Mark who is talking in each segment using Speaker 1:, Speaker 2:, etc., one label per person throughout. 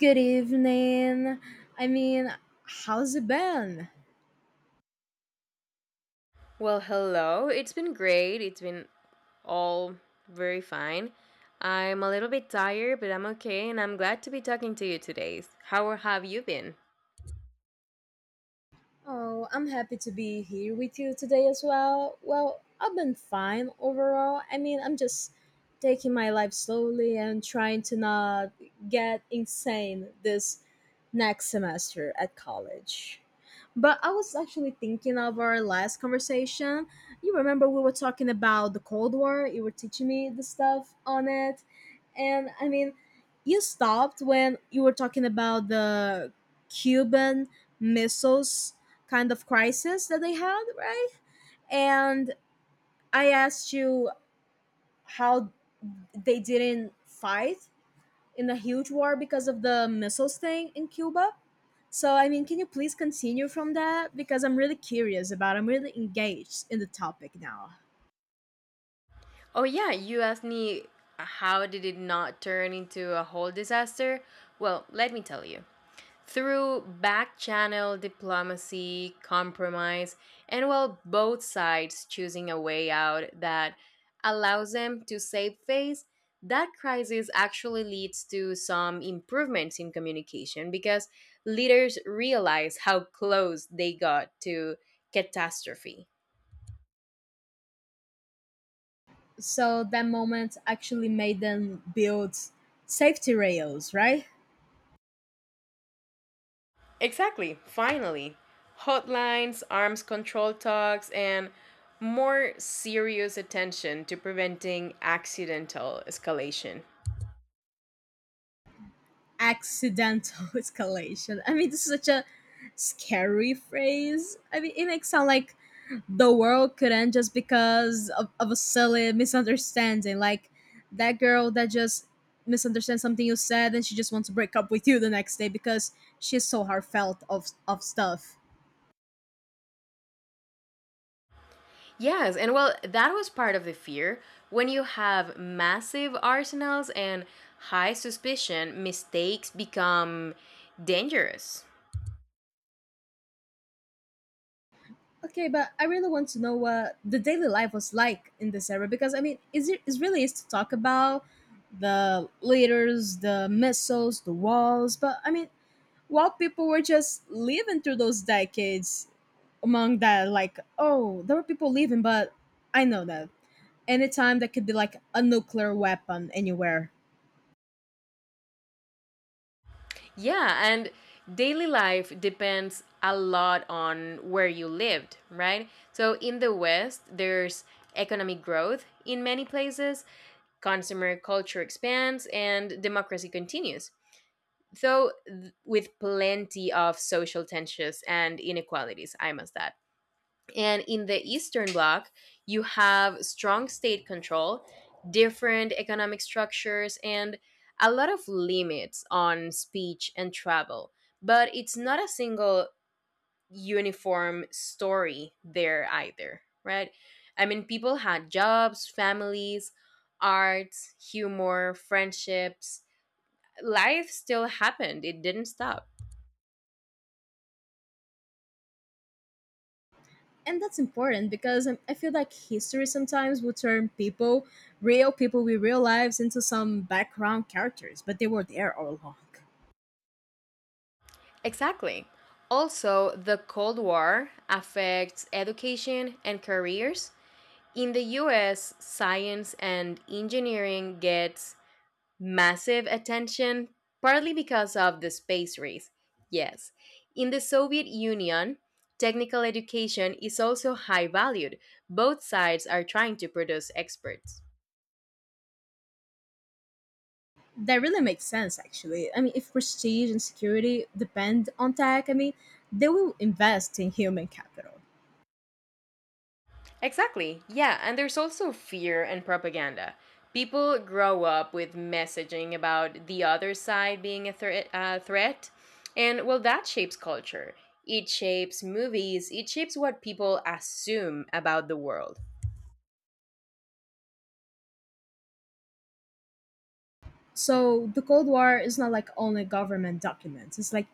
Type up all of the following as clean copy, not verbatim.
Speaker 1: Good evening. I mean, how's it been?
Speaker 2: Well, hello. It's been great. It's been all very fine. I'm a little bit tired, but I'm okay, and I'm glad to be talking to you today. How have you been?
Speaker 1: Oh, I'm happy to be here with you today as well. Well, I've been fine overall. I mean, I'm just taking my life slowly and trying to not get insane this next semester at college. But I was actually thinking of our last conversation. You remember we were talking about the Cold War, you were teaching me the stuff on it. And I mean, you stopped when you were talking about the Cuban missiles kind of crisis that they had, right? And I asked you how they didn't fight in a huge war because of the missiles thing in Cuba. So, I mean, can you please continue from that? Because I'm really curious about, I'm really engaged in the topic now.
Speaker 2: Oh yeah, you asked me how did it not turn into a whole disaster? Well, let me tell you. Through back channel diplomacy, compromise, and well, both sides choosing a way out that allows them to save face, that crisis actually leads to some improvements in communication because leaders realize how close they got to catastrophe.
Speaker 1: So, that moment actually made them build safety rails, right?
Speaker 2: Exactly. Finally, hotlines, arms control talks, and more serious attention to preventing accidental escalation.
Speaker 1: Accidental escalation. I mean, this is such a scary phrase. I mean, it makes sound like the world could end just because of a silly misunderstanding. Like that girl that just misunderstands something you said and she just wants to break up with you the next day because she's so heartfelt of stuff.
Speaker 2: Yes, and well, that was part of the fear. When you have massive arsenals and high suspicion, mistakes become dangerous.
Speaker 1: Okay, but I really want to know what the daily life was like in this era because I mean, is it is really is to talk about the leaders, the missiles, the walls, but I mean, while people were just living through those decades among that, like, oh, there were people living, but I know that anytime there could be like a nuclear weapon anywhere.
Speaker 2: Yeah, and daily life depends a lot on where you lived, right? So in the West, there's economic growth in many places, consumer culture expands, and democracy continues. Though with plenty of social tensions and inequalities, I must add. And in the Eastern Bloc, you have strong state control, different economic structures, and a lot of limits on speech and travel. But it's not a single uniform story there either, right? I mean, people had jobs, families, arts, humor, friendships. Life still happened, it didn't stop.
Speaker 1: And that's important because I feel like history sometimes will turn people, real people with real lives, into some background characters, but they were there all along.
Speaker 2: Exactly. Also, the Cold War affects education and careers. In the US, science and engineering gets massive attention partly because of the space race. Yes. In the Soviet Union, technical education is also high valued. Both sides are trying to produce experts.
Speaker 1: That really makes sense actually. I mean, if prestige and security depend on tech, I mean, they will invest in human capital.
Speaker 2: Exactly. Yeah, and there's also fear and propaganda. People grow up with messaging about the other side being a threat, threat, and well, that shapes culture. It shapes movies, it shapes what people assume about the world.
Speaker 1: So the Cold War is not like only government documents. It's like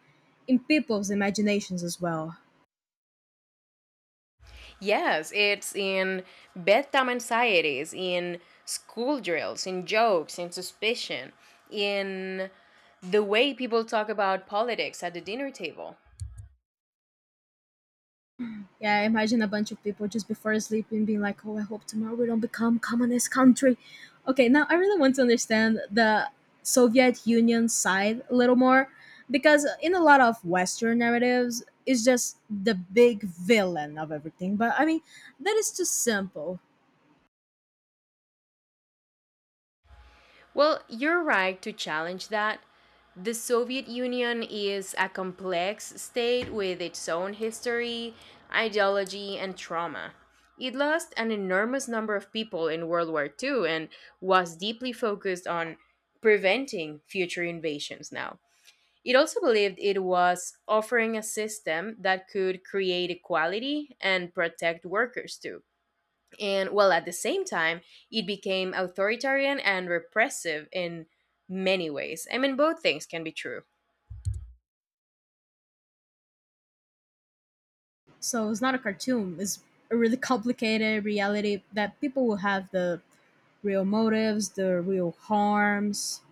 Speaker 1: in people's imaginations as well.
Speaker 2: Yes, it's in bedtime anxieties, in school drills, in jokes, in suspicion, in the way people talk about politics at the dinner table.
Speaker 1: Yeah, I imagine a bunch of people just before sleeping being like, "Oh, I hope tomorrow we don't become communist country." Okay, now I really want to understand the Soviet Union side a little more because in a lot of Western narratives, it's just the big villain of everything. But I mean, that is too simple.
Speaker 2: Well, you're right to challenge that. The Soviet Union is a complex state with its own history, ideology, and trauma. It lost an enormous number of people in World War Two and was deeply focused on preventing future invasions now. It also believed it was offering a system that could create equality and protect workers too, and well, at the same time it became authoritarian and repressive in many ways. I mean, both things can be true.
Speaker 1: So it's not a cartoon. It's a really complicated reality that people will have the real motives, the real harms.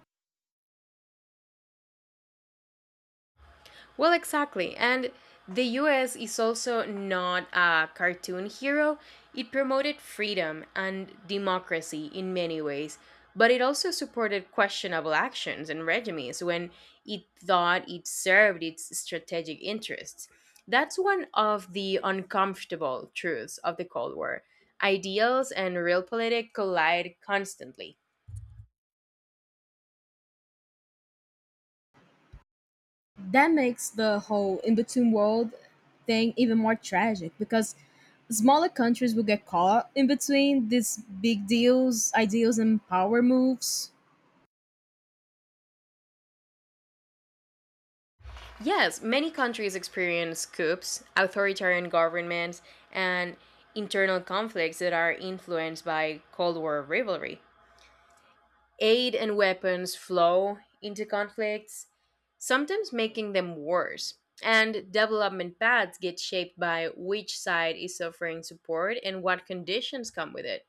Speaker 2: Well, exactly. And the US is also not a cartoon hero. It promoted freedom and democracy in many ways, but it also supported questionable actions and regimes when it thought it served its strategic interests. That's one of the uncomfortable truths of the Cold War. Ideals and real politics collide constantly.
Speaker 1: That makes the whole in between world thing even more tragic because smaller countries will get caught in between these big deals, ideals, and power moves.
Speaker 2: Yes, many countries experience coups, authoritarian governments, and internal conflicts that are influenced by Cold War rivalry. Aid and weapons flow into conflicts, sometimes making them worse. And development paths get shaped by which side is offering support and what conditions come with it.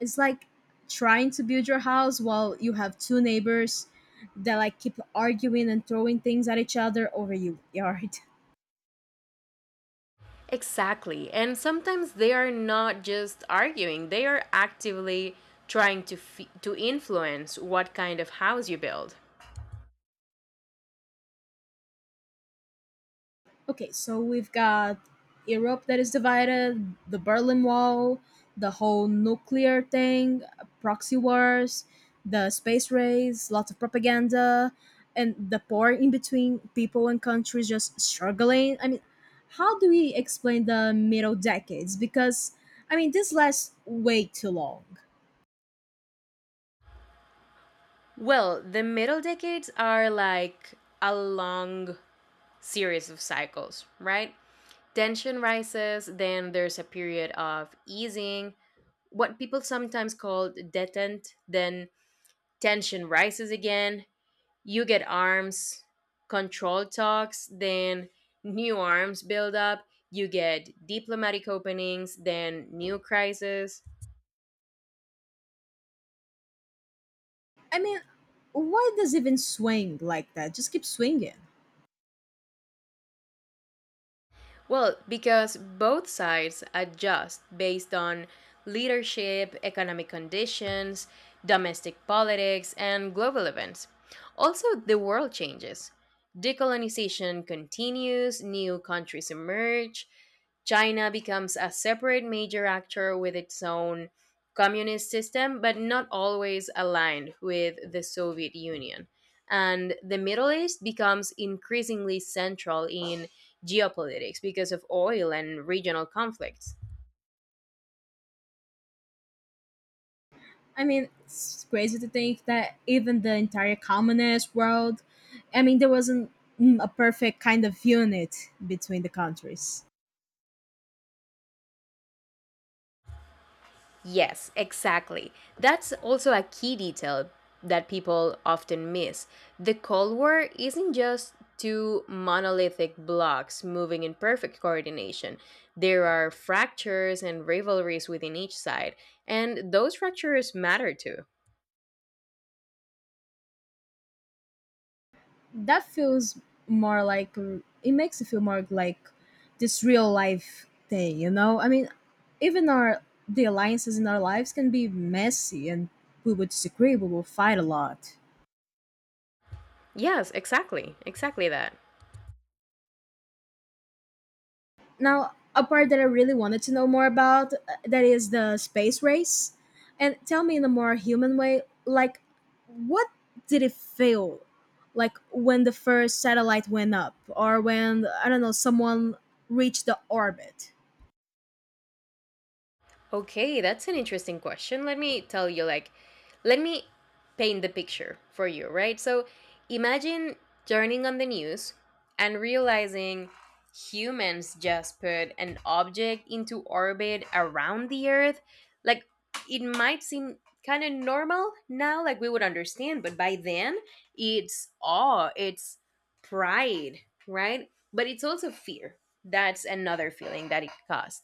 Speaker 1: It's like trying to build your house while you have two neighbors that like keep arguing and throwing things at each other over your yard.
Speaker 2: Exactly. And sometimes they are not just arguing, they are actively trying to influence what kind of house you build.
Speaker 1: Okay, so we've got Europe that is divided, the Berlin Wall, the whole nuclear thing, proxy wars, the space race, lots of propaganda, and the war in between people and countries just struggling. I mean, how do we explain the middle decades? Because, I mean, this lasts way too long.
Speaker 2: Well, the middle decades are like a long series of cycles, right? Tension rises, then there's a period of easing, what people sometimes call detente, then tension rises again, you get arms control talks, then new arms build up, you get diplomatic openings, then new crises.
Speaker 1: I mean, why does it even swing like that? Just keep swinging.
Speaker 2: Well, because both sides adjust based on leadership, economic conditions, domestic politics, and global events. Also, the world changes. Decolonization continues, new countries emerge, China becomes a separate major actor with its own communist system, but not always aligned with the Soviet Union. And the Middle East becomes increasingly central in geopolitics because of oil and regional conflicts.
Speaker 1: I mean, it's crazy to think that even the entire communist world, I mean, there wasn't a perfect kind of unit between the countries.
Speaker 2: Yes, exactly. That's also a key detail that people often miss. The Cold War isn't just two monolithic blocks moving in perfect coordination. There are fractures and rivalries within each side, and those fractures matter too.
Speaker 1: That feels more like it makes it feel more like this real life thing, you know? I mean, even our the alliances in our lives can be messy and we would disagree, we will fight a lot.
Speaker 2: Yes, exactly. Exactly that.
Speaker 1: Now, a part that I really wanted to know more about that is the space race. And tell me in a more human way, like what did it feel like when the first satellite went up or when I don't know someone reached the orbit?
Speaker 2: Okay, that's an interesting question. Let me tell you, like, let me paint the picture for you, right? So imagine turning on the news and realizing humans just put an object into orbit around the Earth. Like, it might seem kind of normal now, like we would understand, but by then, it's awe, it's pride, right? But it's also fear. That's another feeling that it caused.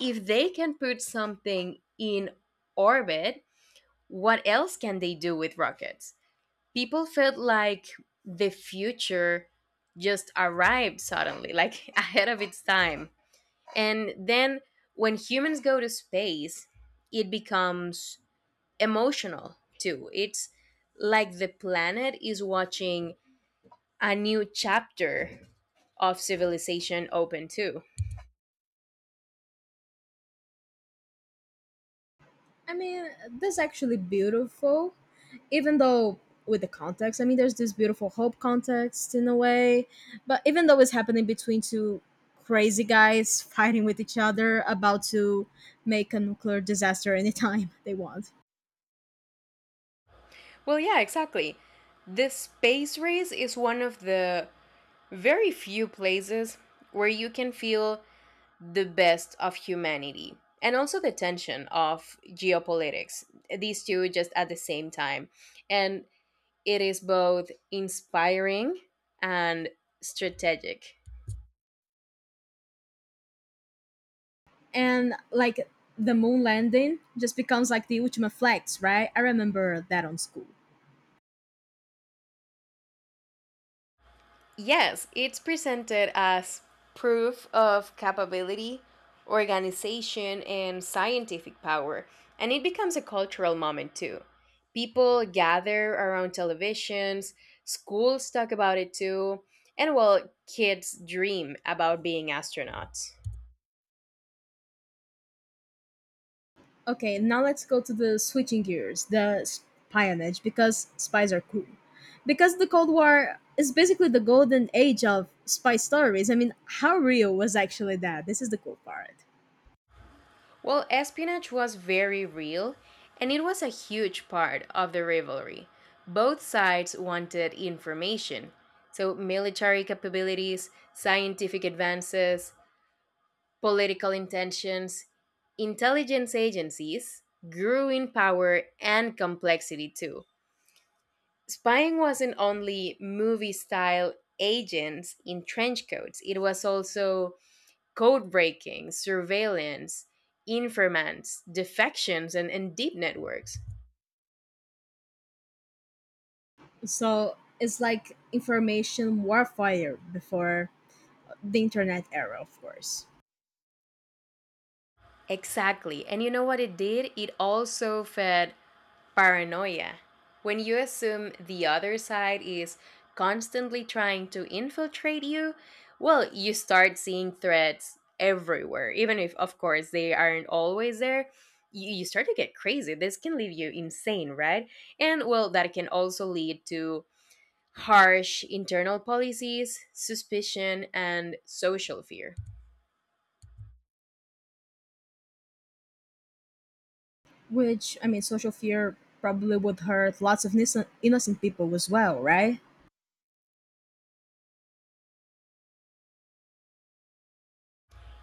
Speaker 2: If they can put something in orbit, what else can they do with rockets? People felt like the future just arrived suddenly, like ahead of its time. And then when humans go to space, it becomes emotional too. It's like the planet is watching a new chapter of civilization open too.
Speaker 1: I mean, that's actually beautiful, even though with the context. I mean, there's this beautiful hope context in a way, but even though it's happening between two crazy guys fighting with each other about to make a nuclear disaster anytime they want.
Speaker 2: Well, yeah, exactly. The space race is one of the very few places where you can feel the best of humanity and also the tension of geopolitics, these two just at the same time, and it is both inspiring and strategic.
Speaker 1: And like the moon landing just becomes like the ultimate flex, right? I remember that on school.
Speaker 2: Yes, it's presented as proof of capability, organization, and scientific power, and it becomes a cultural moment too. People gather around televisions, schools talk about it too, and well, kids dream about being astronauts.
Speaker 1: Okay, now let's go to the switching gears, the espionage, because spies are cool. Because the Cold War is basically the golden age of spy stories. I mean, how real was actually that? This is the cool part.
Speaker 2: Well, espionage was very real, and it was a huge part of the rivalry. Both sides wanted information. So, military capabilities, scientific advances, political intentions, intelligence agencies grew in power and complexity too. Spying wasn't only movie style agents in trench coats, it was also code breaking, surveillance, informants, defections, and deep networks.
Speaker 1: So it's like information warfare before the internet era, of course.
Speaker 2: Exactly. And you know what it did? It also fed paranoia. When you assume the other side is constantly trying to infiltrate you, well, you start seeing threats everywhere. Even if, of course, they aren't always there, you start to get crazy. This can leave you insane, right? And, well, that can also lead to harsh internal policies, suspicion, and social fear.
Speaker 1: Which, I mean, social fear probably would hurt lots of innocent people as well, right?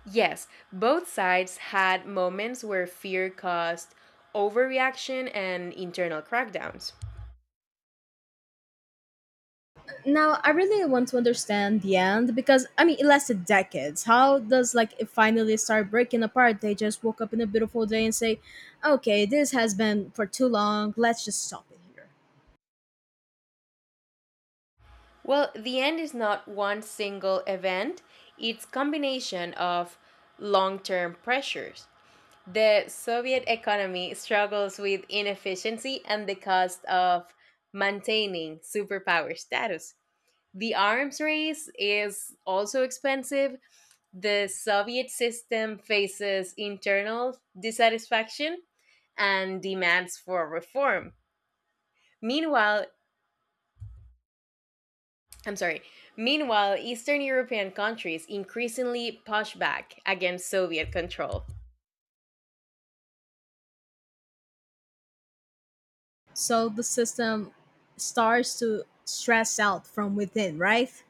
Speaker 2: Yes, both sides had moments where fear caused overreaction and internal crackdowns.
Speaker 1: Now, I really want to understand the end because I mean it lasted decades. How does like it finally start breaking apart? They just woke up in a beautiful day and say, "Okay, this has been for too long. Let's just stop it here."
Speaker 2: Well, the end is not one single event, it's combination of long-term pressures. The Soviet economy struggles with inefficiency and the cost of maintaining superpower status. The arms race is also expensive. The Soviet system faces internal dissatisfaction and demands for reform. Meanwhile, I'm sorry. Meanwhile, Eastern European countries increasingly push back against Soviet control.
Speaker 1: So the system starts to stress out from within, right?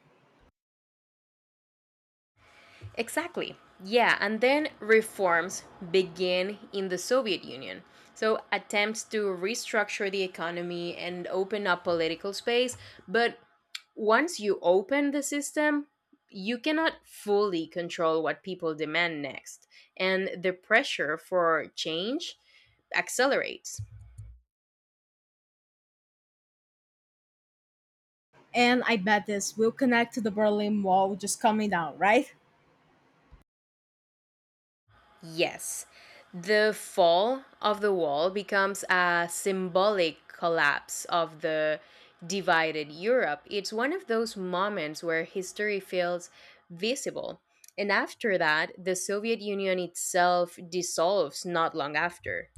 Speaker 2: Exactly. Yeah, and then reforms begin in the Soviet Union. So, attempts to restructure the economy and open up political space. But once you open the system, you cannot fully control what people demand next. And the pressure for change accelerates.
Speaker 1: And I bet this will connect to the Berlin Wall just coming down, right?
Speaker 2: Yes, the fall of the wall becomes a symbolic collapse of the divided Europe. It's one of those moments where history feels visible. And after that, the Soviet Union itself dissolves not long after.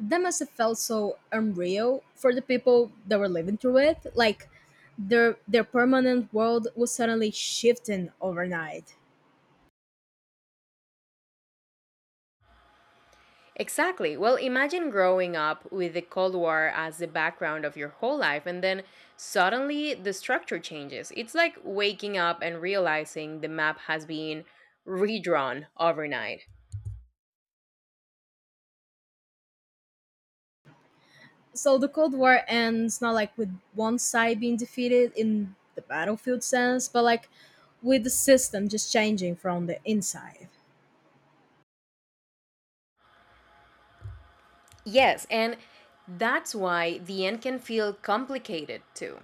Speaker 1: That must have felt so unreal for the people that were living through it. Like their permanent world was suddenly shifting overnight.
Speaker 2: Exactly. Well, imagine growing up with the Cold War as the background of your whole life, and then suddenly the structure changes. It's like waking up and realizing the map has been redrawn overnight.
Speaker 1: So the Cold War ends not like with one side being defeated in the battlefield sense, but like with the system just changing from the inside.
Speaker 2: Yes, and that's why the end can feel complicated too.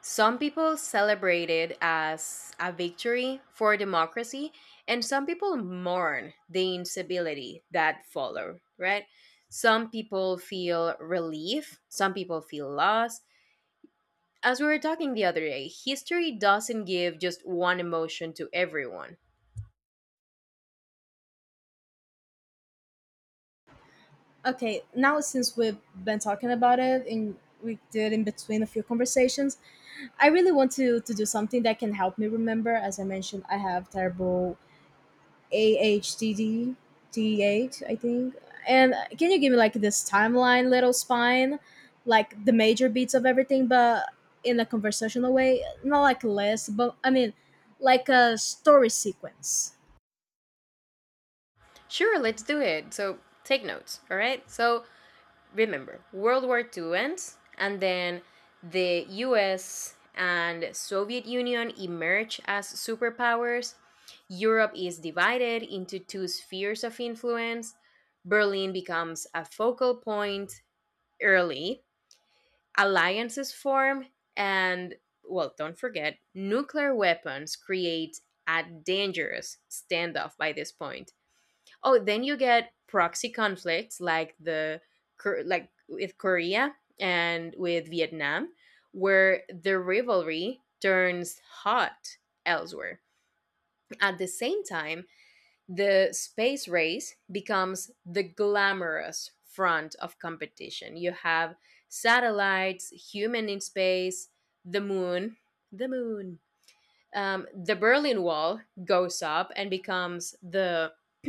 Speaker 2: Some people celebrate it as a victory for democracy, and some people mourn the instability that followed, right? Some people feel relief, some people feel loss. As we were talking the other day, history doesn't give just one emotion to everyone.
Speaker 1: Okay, now since we've been talking about it and we did in between a few conversations, I really want to do something that can help me remember. As I mentioned, I have terrible AHDD 8 I think. And can you give me like this timeline, little spine, like the major beats of everything, but in a conversational way, not like a list, but I mean, like a story sequence.
Speaker 2: Sure, let's do it. So take notes, all right? So remember, World War Two ends, and then the US and Soviet Union emerge as superpowers. Europe is divided into two spheres of influence. Berlin becomes a focal point early. Alliances form, and well, don't forget, nuclear weapons create a dangerous standoff by this point. Oh, then you get proxy conflicts like like with Korea and with Vietnam, where the rivalry turns hot elsewhere. At the same time, the space race becomes the glamorous front of competition. You have satellites, human in space, the moon, the moon, the Berlin Wall goes up and becomes the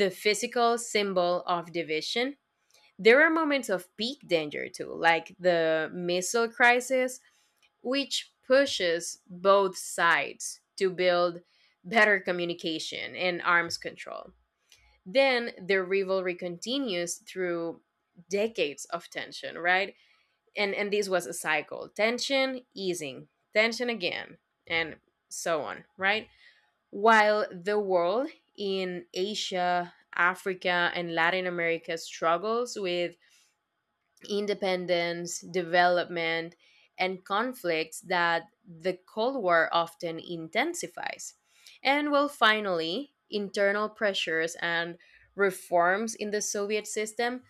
Speaker 2: the physical symbol of division. There are moments of peak danger too, like the missile crisis, which pushes both sides to build better communication and arms control. Then the rivalry continues through decades of tension, right? And this was a cycle: tension, easing, tension again, and so on, right? While the world in Asia, Africa, and Latin America struggles with independence, development, and conflicts that the Cold War often intensifies. And well, finally, internal pressures and reforms in the Soviet system,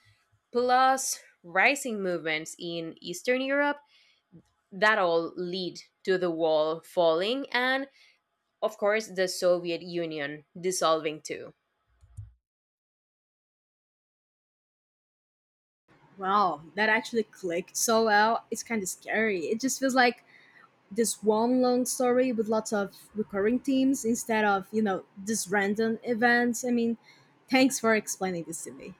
Speaker 2: plus rising movements in Eastern Europe, that all lead to the wall falling and, of course, the Soviet Union dissolving too.
Speaker 1: Wow, that actually clicked so well. It's kind of scary. It just feels like this one long story with lots of recurring themes instead of, you know, just random events. I mean, thanks for explaining this to me.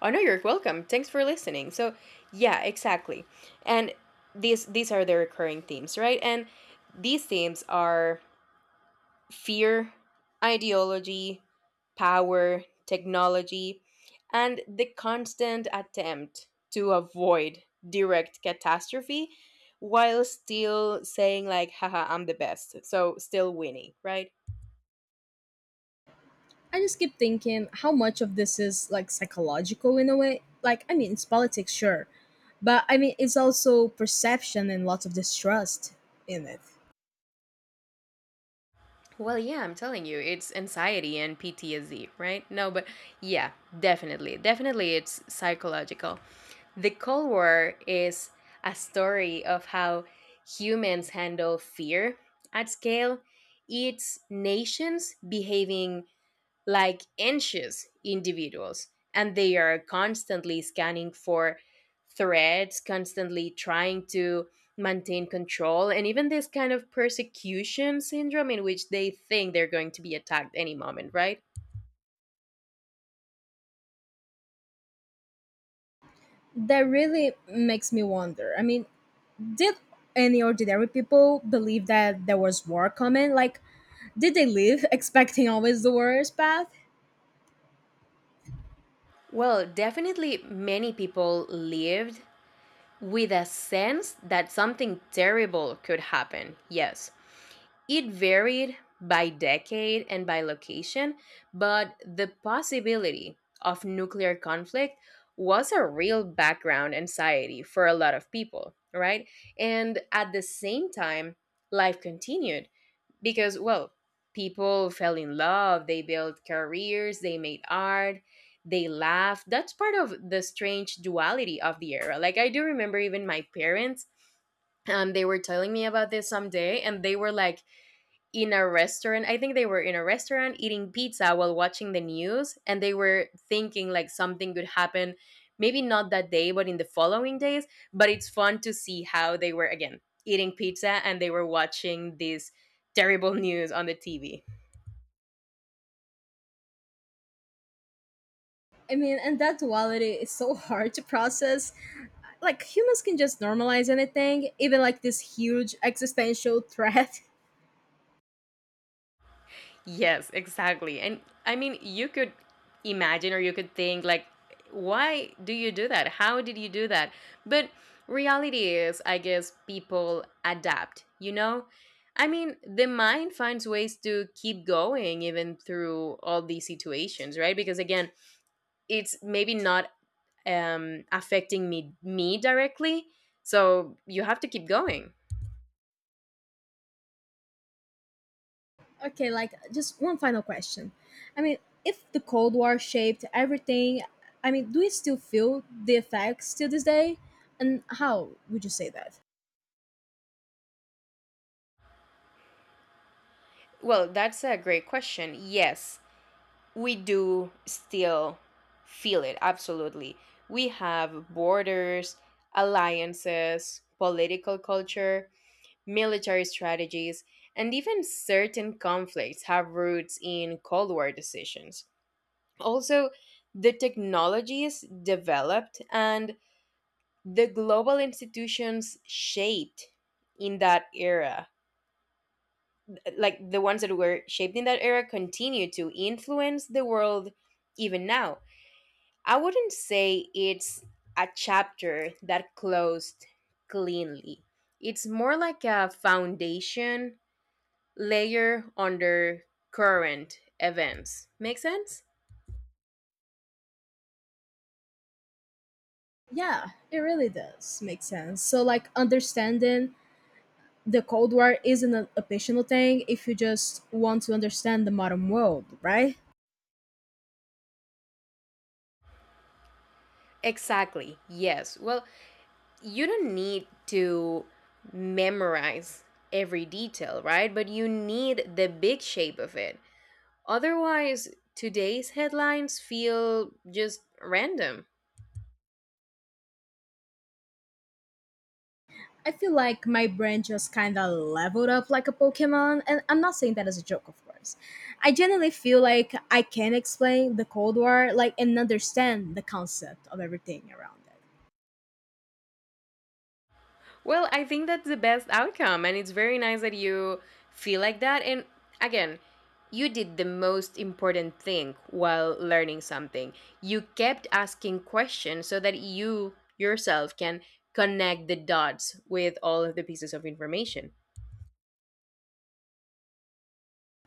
Speaker 2: Oh no, you're welcome. Thanks for listening. So, yeah, exactly. And these are the recurring themes, right? And these themes are fear, ideology, power, technology, and the constant attempt to avoid direct catastrophe while still saying like haha I'm the best. So still winning, right?
Speaker 1: I just keep thinking how much of this is like psychological in a way. Like, I mean, it's politics, sure, but I mean, it's also perception and lots of distrust in it.
Speaker 2: Well, yeah, I'm telling you, it's anxiety and PTSD, right? No, but yeah, definitely. Definitely, it's psychological. The Cold War is a story of how humans handle fear at scale, it's nations behaving like anxious individuals, and they are constantly scanning for threats, constantly trying to maintain control, and even this kind of persecution syndrome in which they think they're going to be attacked any moment, right?
Speaker 1: That really makes me wonder. I mean, did any ordinary people believe that there was war coming? Like, did they live expecting always the worst path?
Speaker 2: Well, definitely many people lived with a sense that something terrible could happen, yes. It varied by decade and by location, but the possibility of nuclear conflict was a real background anxiety for a lot of people, right? And at the same time, life continued because, well, people fell in love, they built careers, they made art, they laughed. That's part of the strange duality of the era. Like, I do remember even my parents they were telling me about this someday, and they were like, in a restaurant. I think they were in a restaurant eating pizza while watching the news, and they were thinking like something could happen, maybe not that day, but in the following days. But it's fun to see how they were again eating pizza and they were watching this terrible news on the TV.
Speaker 1: I mean, and that duality is so hard to process like humans can just normalize anything, even like this huge existential threat.
Speaker 2: Yes, exactly. And I mean, you could imagine or you could think, like, why do you do that? How did you do that? But reality is, I guess people adapt, you know? I mean, the mind finds ways to keep going even through all these situations, right? Because again, it's maybe not affecting me directly, so you have to keep going.
Speaker 1: Okay, like just one final question. I mean, if the Cold War shaped everything, I mean, do we still feel the effects to this day? And how would you say that?
Speaker 2: Well, that's a great question. Yes, we do still feel it, absolutely. We have borders, alliances, political culture, military strategies, and even certain conflicts have roots in Cold War decisions. Also, the technologies developed and the global institutions shaped in that era, like the ones that were shaped in that era, continue to influence the world even now. I wouldn't say it's a chapter that closed cleanly. It's more like a foundation layer under current events. Make sense?
Speaker 1: Yeah, it really does make sense. So, like, understanding the Cold War isn't an optional thing if you just want to understand the modern world, right?
Speaker 2: Exactly. Yes. Well, you don't need to memorize every detail, right? But you need the big shape of it. Otherwise, today's headlines feel just random.
Speaker 1: I feel like my brain just kind of leveled up like a Pokemon, and I'm not saying that as a joke, of course. I genuinely feel like I can explain the Cold War, like, and understand the concept of everything around it.
Speaker 2: Well, I think that's the best outcome. And it's very nice that you feel like that. And again, you did the most important thing while learning something. You kept asking questions so that you yourself can connect the dots with all of the pieces of information.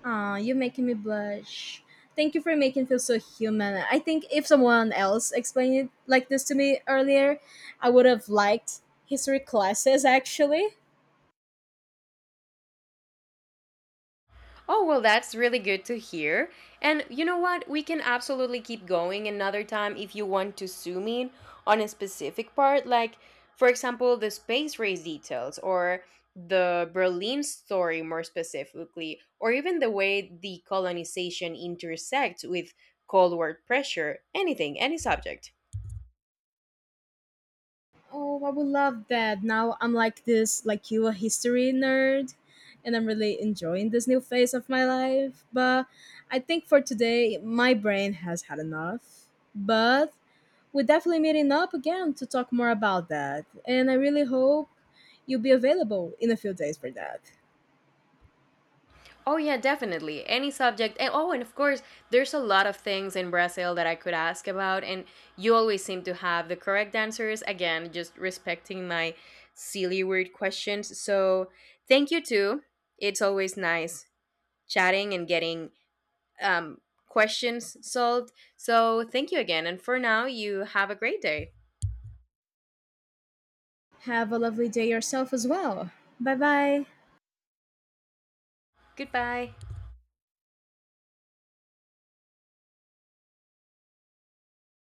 Speaker 1: Aw, you're making me blush. Thank you for making it feel so human. I think if someone else explained it like this to me earlier, I would have liked history classes actually.
Speaker 2: Oh, well, that's really good to hear. And you know what? We can absolutely keep going another time if you want to zoom in on a specific part, like, for example, the space race details or the Berlin story more specifically, or even the way the colonization intersects with Cold War pressure, anything, any subject.
Speaker 1: Oh, I would love that. Now I'm like this, like you, a history nerd, and I'm really enjoying this new phase of my life. But I think for today, my brain has had enough. But we're definitely meeting up again to talk more about that, and I really hope you'll be available in a few days for that.
Speaker 2: Oh yeah, definitely. Any subject. And oh, and of course, there's a lot of things in Brazil that I could ask about and you always seem to have the correct answers. Again, just respecting my silly weird questions. So, thank you too. It's always nice chatting and getting um questions solved. So, thank you again. And for now, you have a great day.
Speaker 1: Have a lovely day yourself as well. Bye bye.
Speaker 2: Goodbye.